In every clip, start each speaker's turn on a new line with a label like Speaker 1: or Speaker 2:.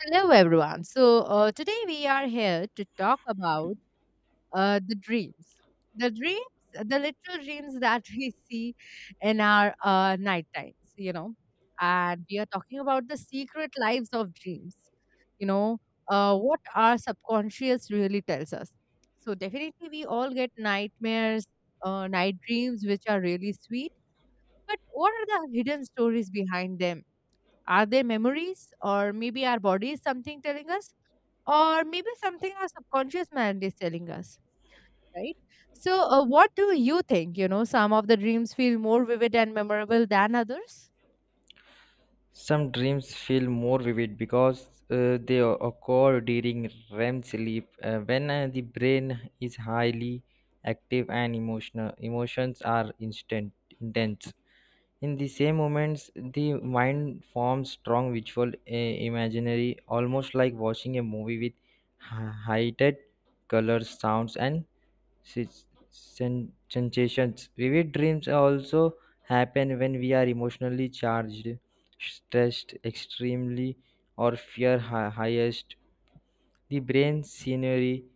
Speaker 1: Hello, everyone. Today we are here to talk about the dreams. The dreams, the literal dreams that we see in our night times, And we are talking about the secret lives of dreams, you know, what our subconscious really tells us. So, definitely, we all get nightmares, night dreams, which are really sweet. But what are the hidden stories behind them? Are they memories, or maybe our body is something telling us? Or maybe something our subconscious mind is telling us. Right. So, what do you think? Some of the dreams feel more vivid and memorable than others.
Speaker 2: Some dreams feel more vivid because they occur during REM sleep when the brain is highly active and emotional. Emotions are instant intense. In the same moments, the mind forms strong visual imaginary, almost like watching a movie with heightened colors, sounds, and sensations. Vivid dreams also happen when we are emotionally charged, stressed extremely, or fear highest. The brain scenery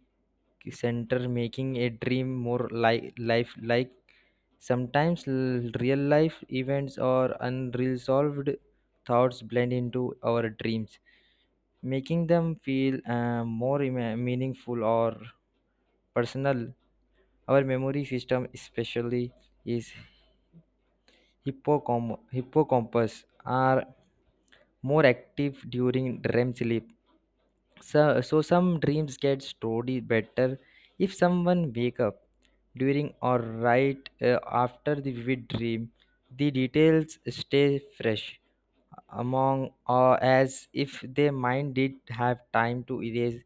Speaker 2: center making a dream more life like. Sometimes real life events or unresolved thoughts blend into our dreams making them feel more meaningful or personal. Our memory system, especially is hippocampus, are more active during REM sleep. So some dreams get stored better if someone wake up during or right after the vivid dream. The details stay fresh among or as if their mind did have time to erase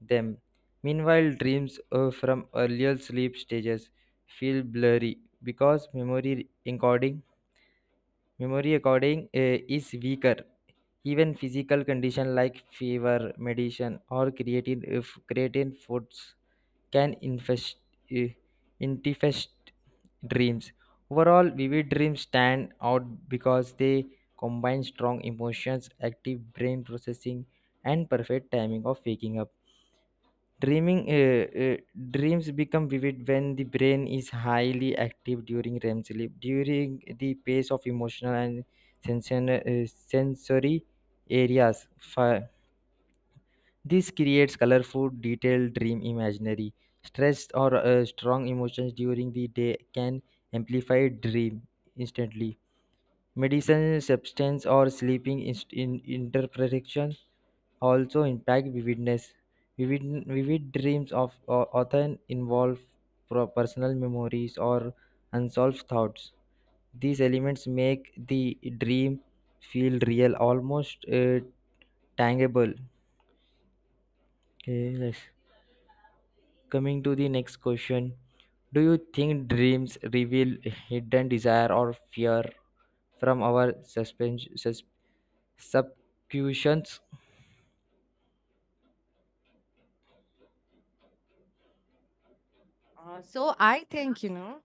Speaker 2: them. Meanwhile, dreams from earlier sleep stages feel blurry because memory encoding memory according is weaker. Even physical condition, like fever, medicine, or creatine, if creatine foods can infest, eh, infest dreams. Overall, vivid dreams stand out because they combine strong emotions, active brain processing, and perfect timing of waking up. Dreaming Dreams become vivid when the brain is highly active during REM sleep. During the pace of emotional and sensory areas, this creates colorful, detailed dream imaginary. Stress or strong emotions during the day can amplify dream instantly. Medicine, substance, or sleeping in interpretation also impact vividness. Vivid dreams often involve personal memories or unsolved thoughts. These elements make the dream feel real, almost tangible. Okay, yes. Coming to the next question, do you think dreams reveal hidden desire or fear from our suspense, subconscious?
Speaker 1: So I think, you know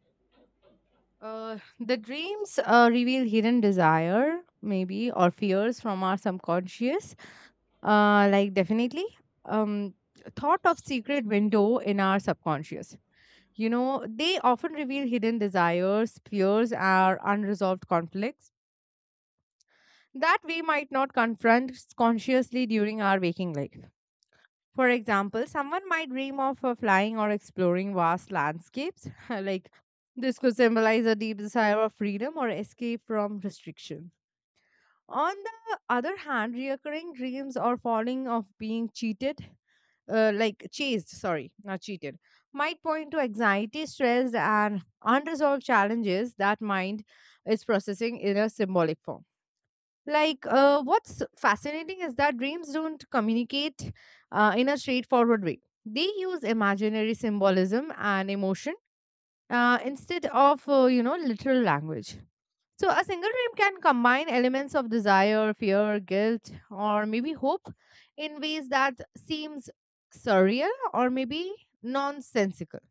Speaker 1: uh, the dreams reveal hidden desire, maybe, or fears from our subconscious. Like, definitely, um, thought of secret window in our subconscious, you know. They often reveal hidden desires, fears, our unresolved conflicts that we might not confront consciously during our waking life. For example, someone might dream of flying or exploring vast landscapes. Like, this could symbolize a deep desire of freedom or escape from restriction. On the other hand, reoccurring dreams or falling of being cheated, like chased, sorry, not cheated, might point to anxiety, stress, and unresolved challenges that mind is processing in a symbolic form. What's fascinating is that dreams don't communicate in a straightforward way. They use imaginary symbolism and emotion instead of, you know, literal language. So, a single dream can combine elements of desire, fear, guilt, or maybe hope in ways that seems surreal or maybe nonsensical.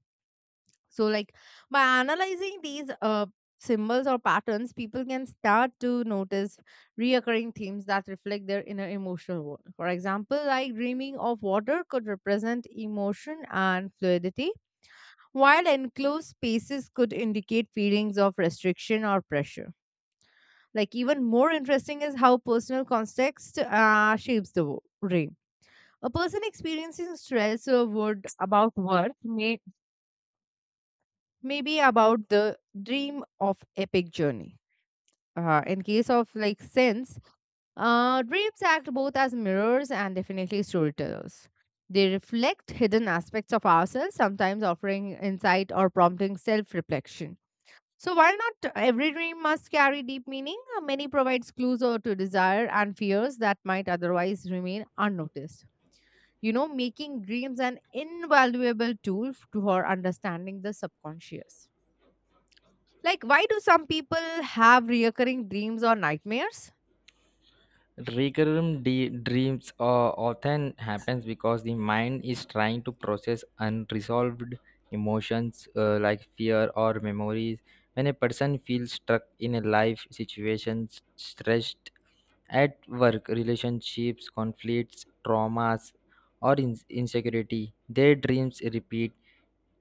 Speaker 1: So, like, by analyzing these symbols or patterns, people can start to notice reoccurring themes that reflect their inner emotional world. For example, like dreaming of water could represent emotion and fluidity, while enclosed spaces could indicate feelings of restriction or pressure. Like, even more interesting is how personal context shapes the dream. A person experiencing stress or worried about work may maybe about the dream of epic journey. In case of like sense, dreams act both as mirrors and definitely storytellers. They reflect hidden aspects of ourselves, sometimes offering insight or prompting self reflection. So, while not every dream must carry deep meaning, many provides clues or to desire and fears that might otherwise remain unnoticed. You know, making dreams an invaluable tool to for understanding the subconscious. Like, why do some people have reoccurring dreams or nightmares?
Speaker 2: Recurrent dreams often happens because the mind is trying to process unresolved emotions like fear or memories. When a person feels stuck in a life situation, stressed at work, relationships, conflicts, traumas, or insecurity, their dreams repeat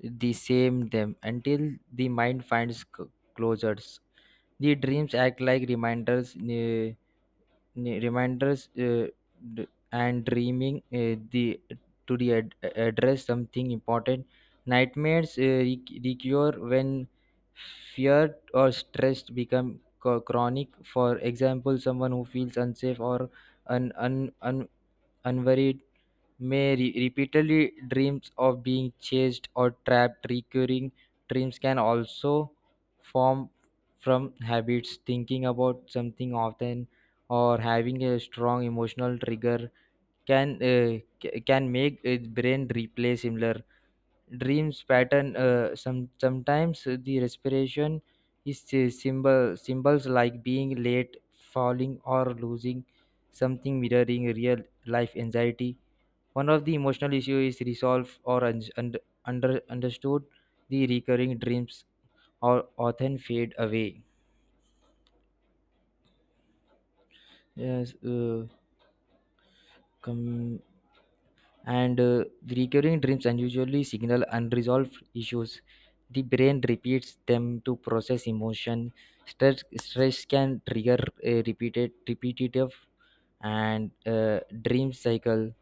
Speaker 2: the same them until the mind finds closures. The dreams act like reminders reminders, and dreaming the to the address something important. Nightmares recur when fear or stress become chronic. For example, someone who feels unsafe or un- un- un- unworried Mary repeatedly dreams of being chased or trapped. Recurring dreams can also form from habits, thinking about something often, or having a strong emotional trigger can can make a brain replay similar dreams pattern. Some sometimes the respiration is uh, symbols like being late, falling, or losing something mirroring real life anxiety one of the emotional issue is resolved or understood. The recurring dreams are often fade away. Yes, come and the recurring dreams unusually signal unresolved issues. The brain repeats them to process emotion. Stress can trigger a repetitive, and dream cycle.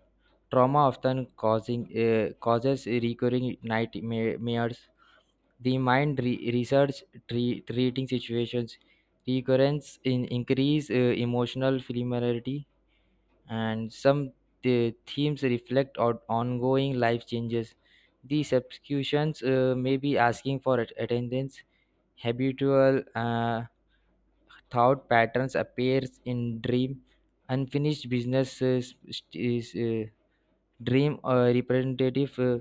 Speaker 2: Trauma often causing causes recurring nightmares. The mind research treating situations recurrence in increase emotional familiarity, and some the themes reflect on ongoing life changes. The subscriptions may be asking for attendance. Habitual thought patterns appears in dream. Unfinished business is dream representative.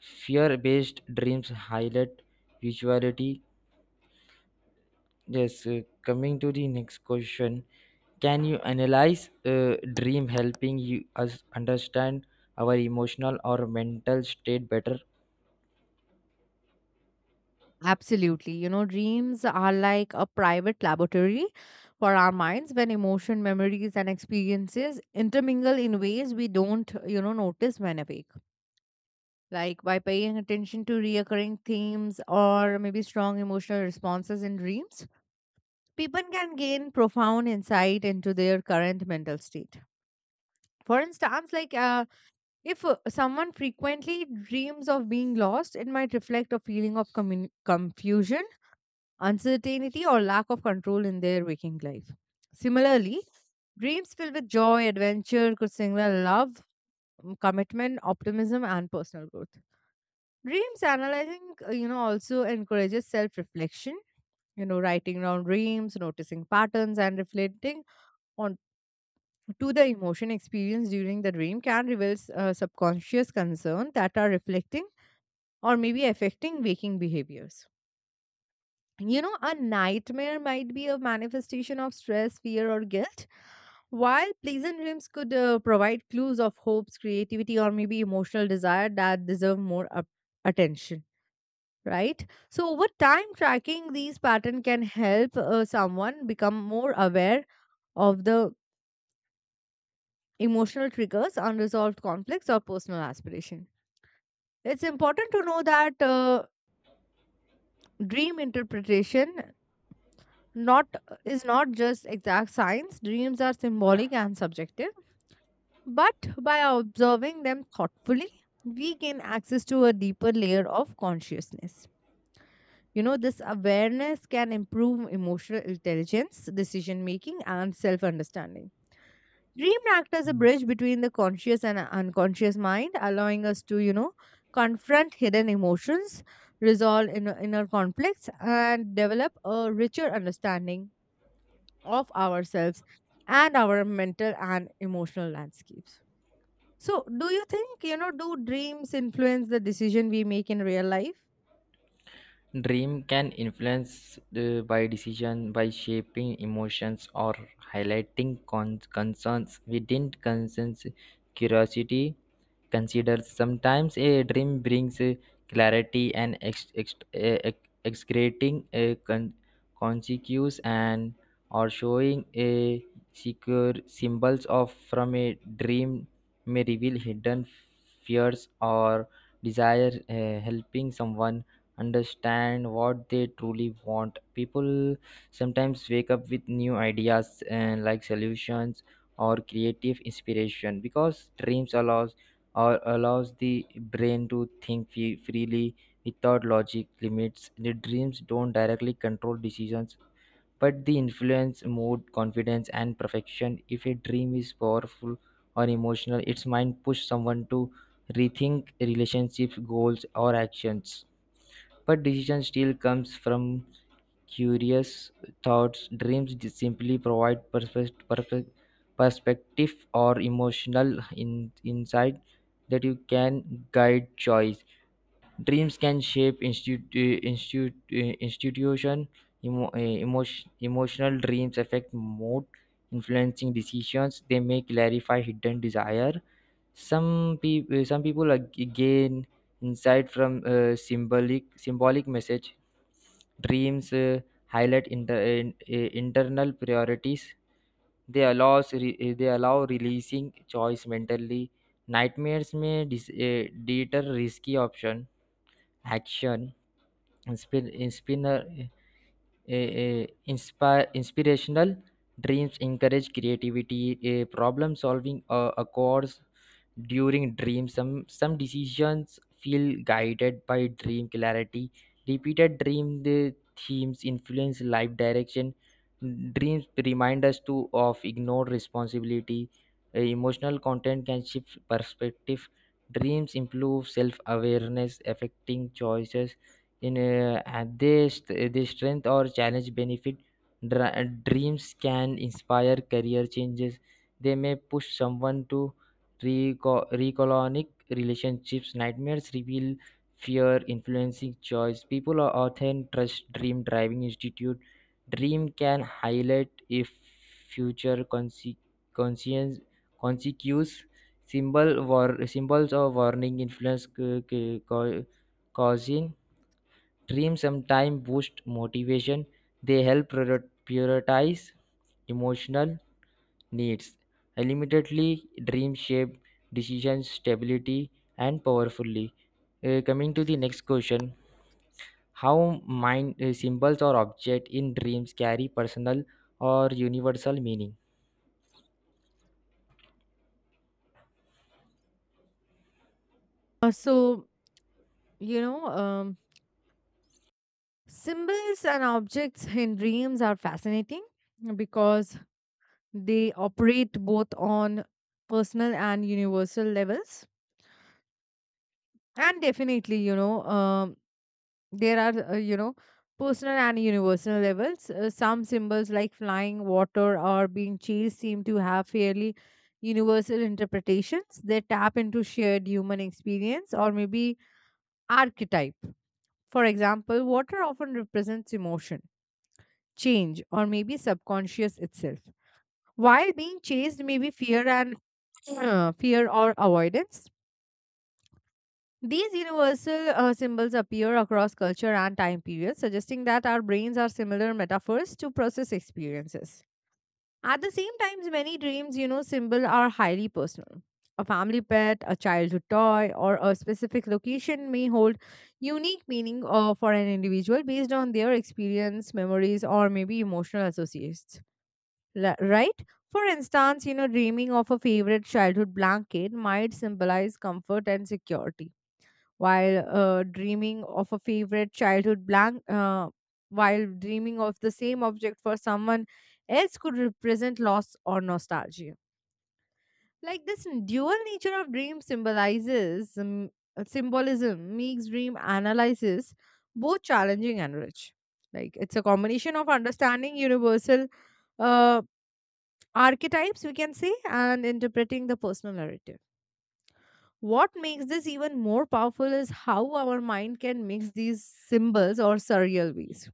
Speaker 2: Fear-based dreams highlight visuality. Yes, coming to the next question, can you analyze dream helping you us understand our emotional or mental state better?
Speaker 1: Absolutely. You know, dreams are like a private laboratory for our minds when emotion, memories, and experiences intermingle in ways we don't, you know, notice when awake. Like, by paying attention to reoccurring themes or maybe strong emotional responses in dreams, people can gain profound insight into their current mental state. For instance, if someone frequently dreams of being lost, it might reflect a feeling of confusion, uncertainty, or lack of control in their waking life. Similarly, dreams filled with joy, adventure could signal love, mm, commitment, optimism, and personal growth. Dreams analyzing, you know, also encourages self reflection, you know, writing down dreams, noticing patterns, and reflecting on to the emotion experienced during the dream can reveal subconscious concern that are reflecting or maybe affecting waking behaviors. You know, a nightmare might be a manifestation of stress, fear, or guilt, while pleasant dreams could provide clues of hopes, creativity, or maybe emotional desire that deserve more attention, right? So, over time, tracking these patterns can help someone become more aware of the emotional triggers, unresolved conflicts, or personal aspiration. It's important to know that dream interpretation not is not just exact science. Dreams are symbolic and subjective, but by observing them thoughtfully, we gain access to a deeper layer of consciousness. You know, this awareness can improve emotional intelligence, decision making, and self understanding. Dream act as a bridge between the conscious and unconscious mind, allowing us to, you know, confront hidden emotions, resolve inner conflicts, and develop a richer understanding of ourselves and our mental and emotional landscapes. So, do you think, you know, do dreams influence the decision we make in real life?
Speaker 2: Dream can influence the by decision by shaping emotions or highlighting concerns not concerns curiosity considers. Sometimes a dream brings clarity and excreting a consequence and or showing a secure symbols of from a dream may reveal hidden fears or desire, helping someone understand what they truly want. People sometimes wake up with new ideas and like solutions or creative inspiration because dreams allows or allows the brain to think freely without logic limits. The dreams don't directly control decisions, but they influence mood, confidence, and perfection. If a dream is powerful or emotional, its mind push someone to rethink relationships, goals, or actions. But decision still comes from curious thoughts. Dreams simply provide perfect perspective or emotional in, insight that you can guide choice. Dreams can shape institution. Emotional dreams affect mood, influencing decisions. They may clarify hidden desire. Some people gain insight from uh, symbolic message. Dreams highlight internal priorities. They allows they allow releasing choice mentally. Nightmares may deter risky option action. Inspir- inspinner, uh, inspire Inspirational dreams encourage creativity, problem solving occurs during dreams. Some decisions feel guided by dream clarity. Repeated dream the themes influence life direction. Dreams remind us to of ignored responsibility. Emotional content can shift perspective. Dreams improve self-awareness affecting choices in and they, they strength or challenge benefit. Dreams can inspire career changes. They may push someone to recolonic relationships. Nightmares reveal fear influencing choice. People are often trust dream driving institute. Dream can highlight if future conse- conscience consequences. Symbols of warning influence causing. Dreams sometimes boost motivation. They help prioritize emotional needs. Ultimately, dream shape decisions, stability, and powerfully. Coming to the next question, how mind symbols or object in dreams carry personal or universal meaning?
Speaker 1: So, you know, symbols and objects in dreams are fascinating because they operate both on personal and universal levels. And definitely, you know, there are, you know, personal and universal levels. Some symbols like flying, water, or being chased seem to have fairly universal interpretations. They tap into shared human experience or maybe archetype. For example, water often represents emotion, change, or maybe subconscious itself. While being chased may be fear and fear or avoidance. These universal symbols appear across culture and time periods, suggesting that our brains are similar metaphors to process experiences. At the same time, many dreams, you know, symbol are highly personal. A family pet, a childhood toy, or a specific location may hold unique meaning for an individual based on their experience, memories, or maybe emotional associates. Right? For instance, you know, dreaming of a favorite childhood blanket might symbolize comfort and security, while dreaming of a favorite childhood blank while dreaming of the same object for someone else could represent loss or nostalgia. Like, this dual nature of dream symbolizes symbolism makes dream analysis both challenging and rich. Like, it's a combination of understanding universal uh, archetypes, we can say, and interpreting the personal narrative. What makes this even more powerful is how our mind can mix these symbols or surreal ways.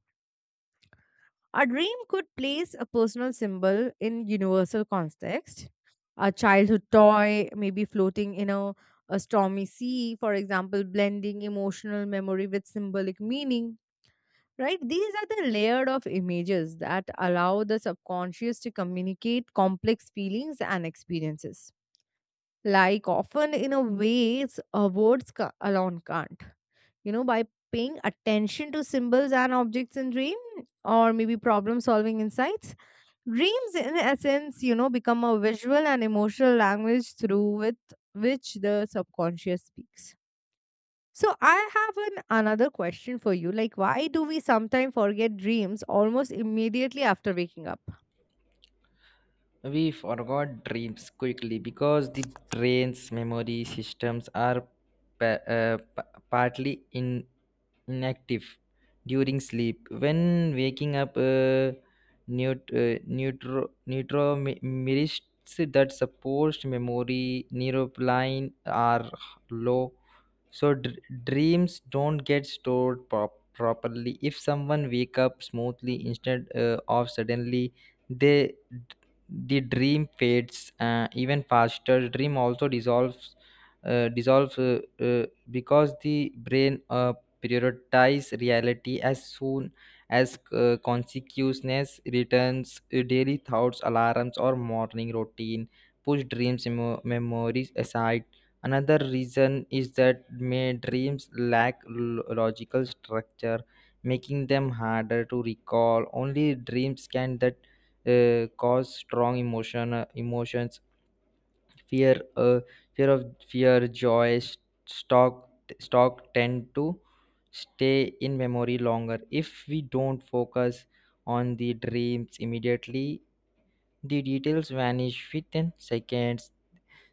Speaker 1: A dream could place a personal symbol in universal context. A childhood toy maybe floating in a stormy sea, for example, blending emotional memory with symbolic meaning. Right? These are the layered of images that allow the subconscious to communicate complex feelings and experiences. Like, often in a way, it's, words alone can't. You know, by paying attention to symbols and objects in dream or maybe problem solving insights, dreams in essence, you know, become a visual and emotional language through with which the subconscious speaks. So, I have an another question for you. Like, why do we sometimes forget dreams almost immediately after waking up?
Speaker 2: We forgot dreams quickly because the brain's memory systems are pa- uh, pa- partly inactive during sleep. When waking up, neuromerits that supposed memory neuropline are low, so dreams don't get stored properly. If someone wake up smoothly instead of suddenly, they the dream fades even faster. Dream also dissolves uh, dissolves uh, uh, because the brain prioritize reality as soon as consciousness returns. Uh, daily thoughts alarms or morning routine push dreams memories aside. Another reason is that may dreams lack logical structure making them harder to recall. Only dreams can that cause strong emotions, fear uh, fear, joy, stock stock tend to stay in memory longer. If we don't focus on the dreams immediately the details vanish within seconds.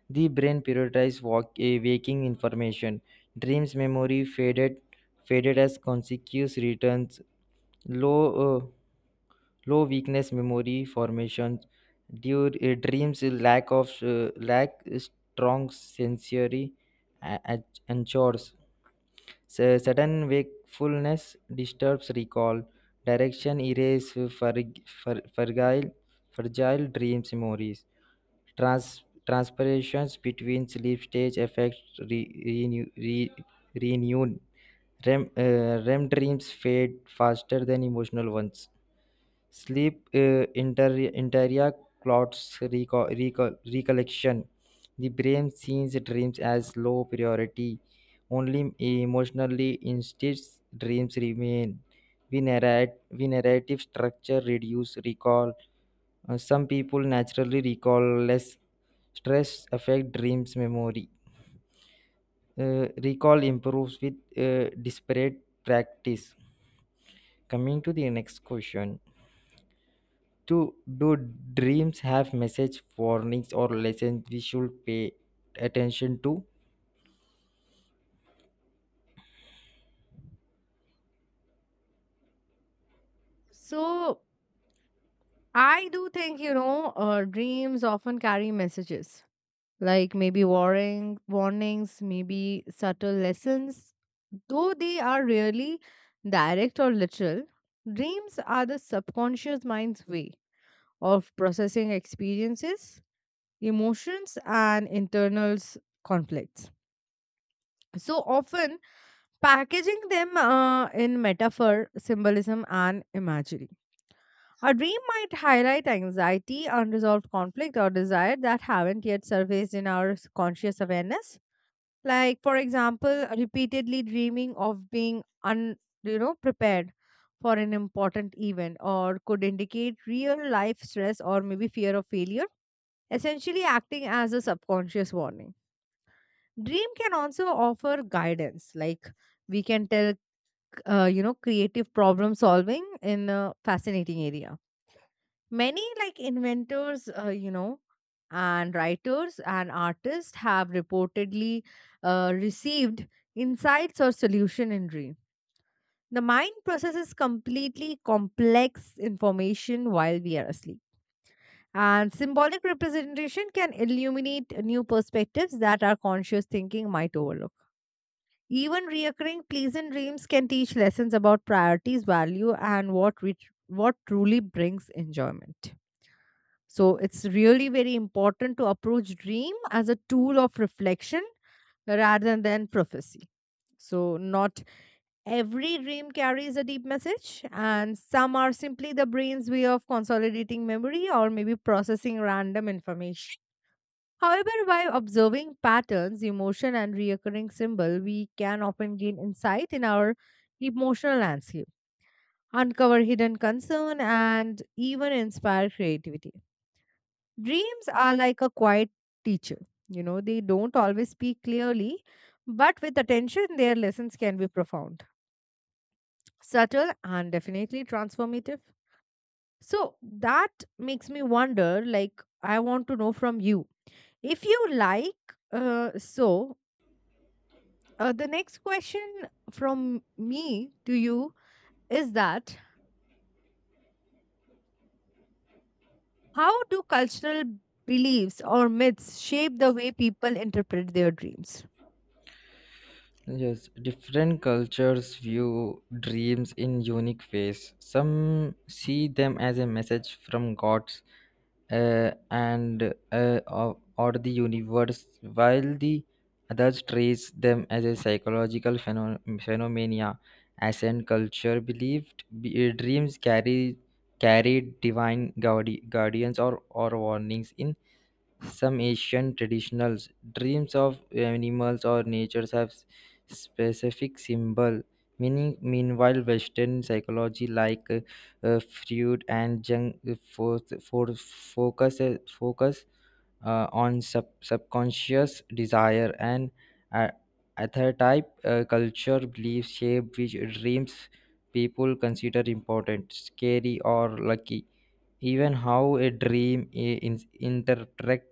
Speaker 2: The brain prioritizes waking information. Dreams memory faded as consequence returns low. uh, Low weakness memory formation due dreams lack strong sensory a- a- ensures. Sudden wakefulness disturbs recall. Direction erase frig- fr- fragile fragile dreams memories. Trans- Transpirations between sleep stage affect re- renew- re- renewed REM, REM dreams fade faster than emotional ones. Sleep interior clouds recollection. The brain sees dreams as low priority. Only emotionally instilled dreams remain. We narrative structure reduce recall. Some people naturally recall less. Stress affect dreams memory. Recall improves with disparate practice. Coming to the next question, to do dreams have message warnings or lessons we should pay attention to?
Speaker 1: So, I do think, you know, dreams often carry messages like, maybe, warnings, maybe subtle lessons, though they are rarely direct or literal. Dreams are the subconscious mind's way of processing experiences, emotions, and internal conflicts, so often packaging them in metaphor, symbolism, and imagery. A dream might highlight anxiety, unresolved conflict, or desire that haven't yet surfaced in our conscious awareness. Like, for example, repeatedly dreaming of being un, you know, prepared for an important event or could indicate real life stress or maybe fear of failure, essentially acting as a subconscious warning. Dream can also offer guidance. Like, we can tell, you know, creative problem solving in a fascinating area. Many like inventors, you know, and writers and artists have reportedly received insights or solution in dream. The mind processes completely complex information while we are asleep. And symbolic representation can illuminate new perspectives that our conscious thinking might overlook. Even reoccurring pleasant dreams can teach lessons about priorities, value, and what truly brings enjoyment. So, it's really very important to approach dream as a tool of reflection rather than prophecy. So, not every dream carries a deep message, and some are simply the brain's way of consolidating memory or maybe processing random information. However, by observing patterns, emotion, and reoccurring symbol, we can often gain insight in our emotional landscape, uncover hidden concern, and even inspire creativity. Dreams are like a quiet teacher. You know, they don't always speak clearly, but with attention, their lessons can be profound, subtle, and definitely transformative. So, that makes me wonder, like, I want to know from you. If you like, so The next question from me to you is that, how do cultural beliefs or myths shape the way people interpret their dreams?
Speaker 2: Yes, different cultures view dreams in unique ways. Some see them as a message from gods or the universe, while the others trace them as a psychological phenomena. Ascent culture believed be, dreams carry carried divine guardians or warnings in some Asian traditionals. Dreams of animals or natures have specific symbol meaning. Meanwhile, Western psychology like Freud and Jung for focus focus on subconscious desire and uh, archetype. Uh, culture belief shape which dreams people consider important, scary or lucky. Even how a dream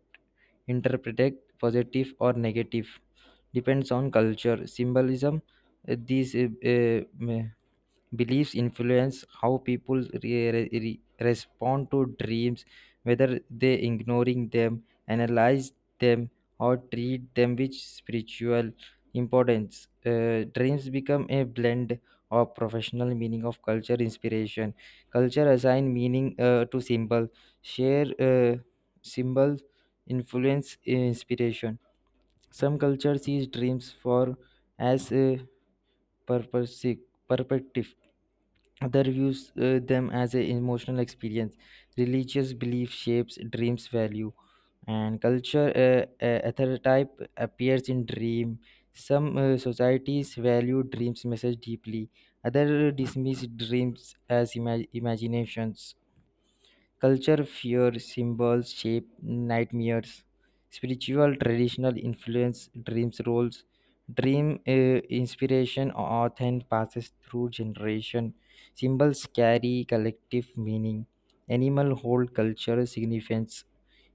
Speaker 2: interpreted positive or negative depends on culture symbolism. These uh, Beliefs influence how people respond to dreams, whether they ignoring them, analyze them, or treat them with spiritual importance. Dreams become a blend of professional meaning of culture inspiration. Culture assign meaning to symbol, share symbol influence inspiration. Some culture sees dreams for as a purpose perspective. Other views them as an emotional experience. Religious belief shapes dreams value, and culture archetype appears in dream. Some societies value dreams message deeply. Other dismiss dreams as imaginations. Culture, fear, symbols, shape, nightmares, spiritual, traditional influence, dreams, roles, dream inspiration, often passes through generation. Symbols carry collective meaning. Animal hold cultural significance.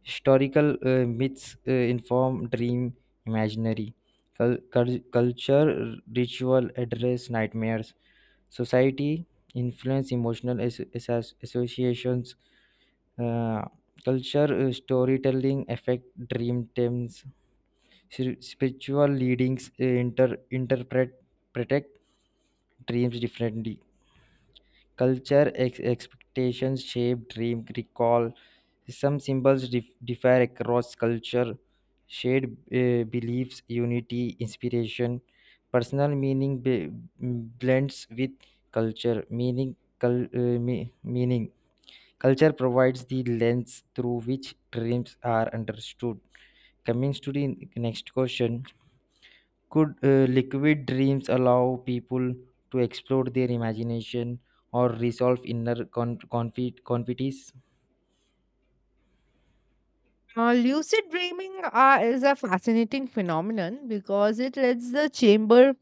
Speaker 2: Historical myths inform dream imaginary. Culture, ritual address nightmares. Society influence emotional associations. uh, Culture storytelling affect dream themes. Spiritual leadings interpret protect dreams differently. Culture expectations shape dream recall. Some symbols differ across culture. Shared beliefs unity inspiration. Personal meaning blends with culture meaning cul- uh, me- meaning Culture provides the lens through which dreams are understood. Coming to the next question, could liquid dreams allow people to explore their imagination or resolve inner conflicts?
Speaker 1: Lucid dreaming is a fascinating phenomenon because it lets the chamber,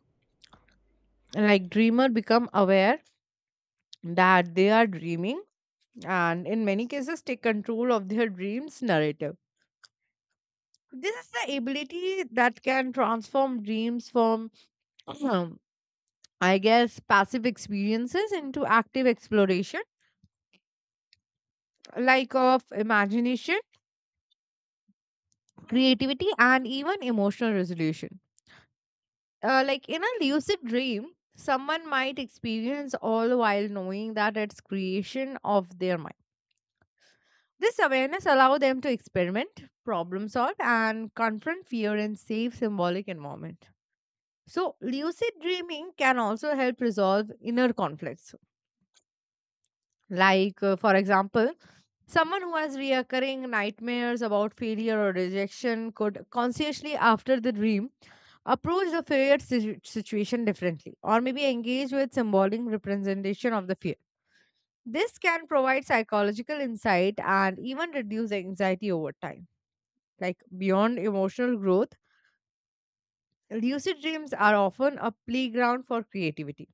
Speaker 1: like, dreamer become aware that they are dreaming, and in many cases take control of their dreams narrative. This is the ability that can transform dreams from I guess passive experiences into active exploration, like of imagination, creativity, and even emotional resolution. Like, in a lucid dream, someone might experience all while knowing that it's creation of their mind. This awareness allows them to experiment, problem solve, and confront fear in safe symbolic environment. So, lucid dreaming can also help resolve inner conflicts. For example, someone who has reoccurring nightmares about failure or rejection could consciously, after the dream, approach the feared situation differently or maybe engage with symbolic representation of the fear. This can provide psychological insight and even reduce anxiety over time. Like, beyond emotional growth, lucid dreams are often a playground for creativity.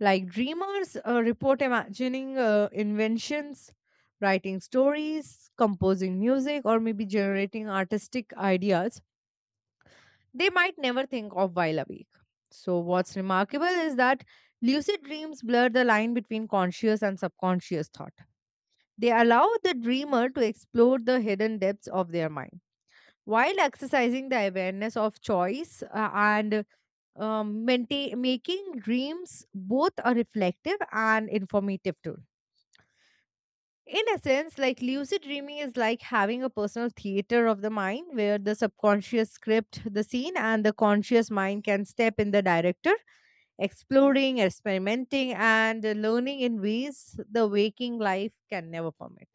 Speaker 1: Like, dreamers report imagining inventions, writing stories, composing music, or maybe generating artistic ideas they might never think of while awake. So, what's remarkable is that lucid dreams blur the line between conscious and subconscious thought. They allow the dreamer to explore the hidden depths of their mind while exercising the awareness of choice, and making dreams both a reflective and informative tool. In a sense, like, lucid dreaming is like having a personal theater of the mind where the subconscious script the scene and the conscious mind can step in the director, exploring, experimenting, and learning in ways the waking life can never permit.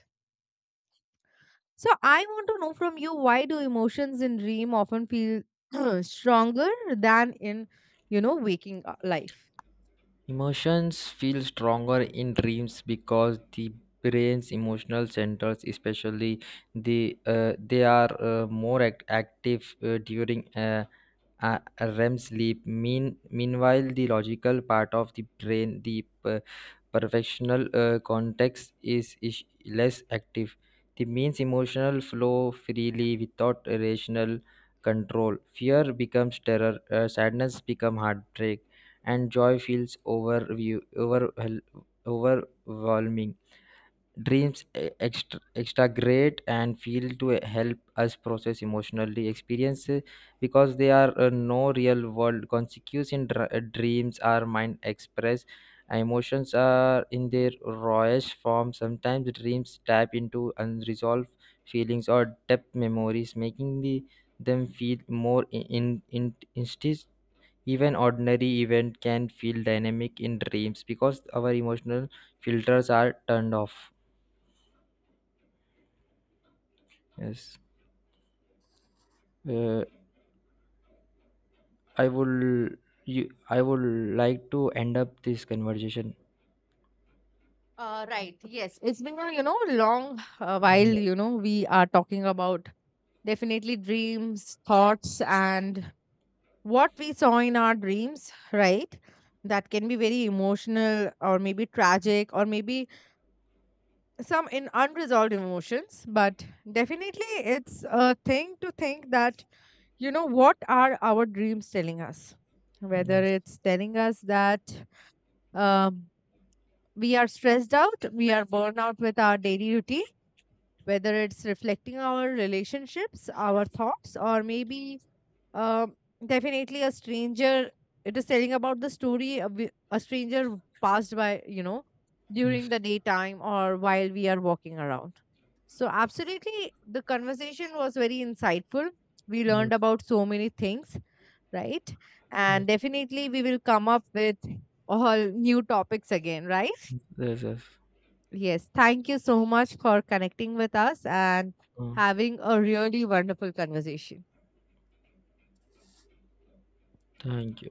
Speaker 1: So, I want to know from you, why do emotions in dream often feel stronger than in, you know, waking life?
Speaker 2: Emotions feel stronger in dreams because the brain's emotional centers, especially the they are more active during REM sleep. Meanwhile, the logical part of the brain, the perfectional context, is less active. The means emotional flow freely without rational control. Fear becomes terror. Sadness becomes heartbreak and joy feels overview overwhel overwhelming. Dreams extra, extra great and feel to help us process emotionally experiences because they are no real world consequences in dreams. Are mind express emotions are in their rawest form. Sometimes dreams tap into unresolved feelings or depth memories making the them feel more in. Even ordinary event can feel dynamic in dreams because our emotional filters are turned off. Yes. Uh, I would I would like to end up this conversation.
Speaker 1: Right. Yes. It's been a, you know, long while,
Speaker 2: Yes.
Speaker 1: you know. We are talking about definitely dreams, thoughts, and what we saw in our dreams, right? That can be very emotional or maybe tragic or maybe some in unresolved emotions. But definitely, it's a thing to think that, you know, what are our dreams telling us? Whether
Speaker 2: Yes.
Speaker 1: it's telling us that, um, we are stressed out, we are burned out with our daily routine, whether it's reflecting our relationships, our thoughts, or maybe, um, definitely a stranger. It is telling about the story of a stranger passed by, you know, during
Speaker 2: Yes.
Speaker 1: the daytime or while we are walking around. So, absolutely, the conversation was very insightful. We
Speaker 2: Yes.
Speaker 1: learned about so many things, right?
Speaker 2: Yes.
Speaker 1: And definitely, we will come up with all new topics again, right?
Speaker 2: Yes. Yes.
Speaker 1: Yes, thank you so much for connecting with us and
Speaker 2: Uh,
Speaker 1: having a really wonderful conversation.
Speaker 2: thank you.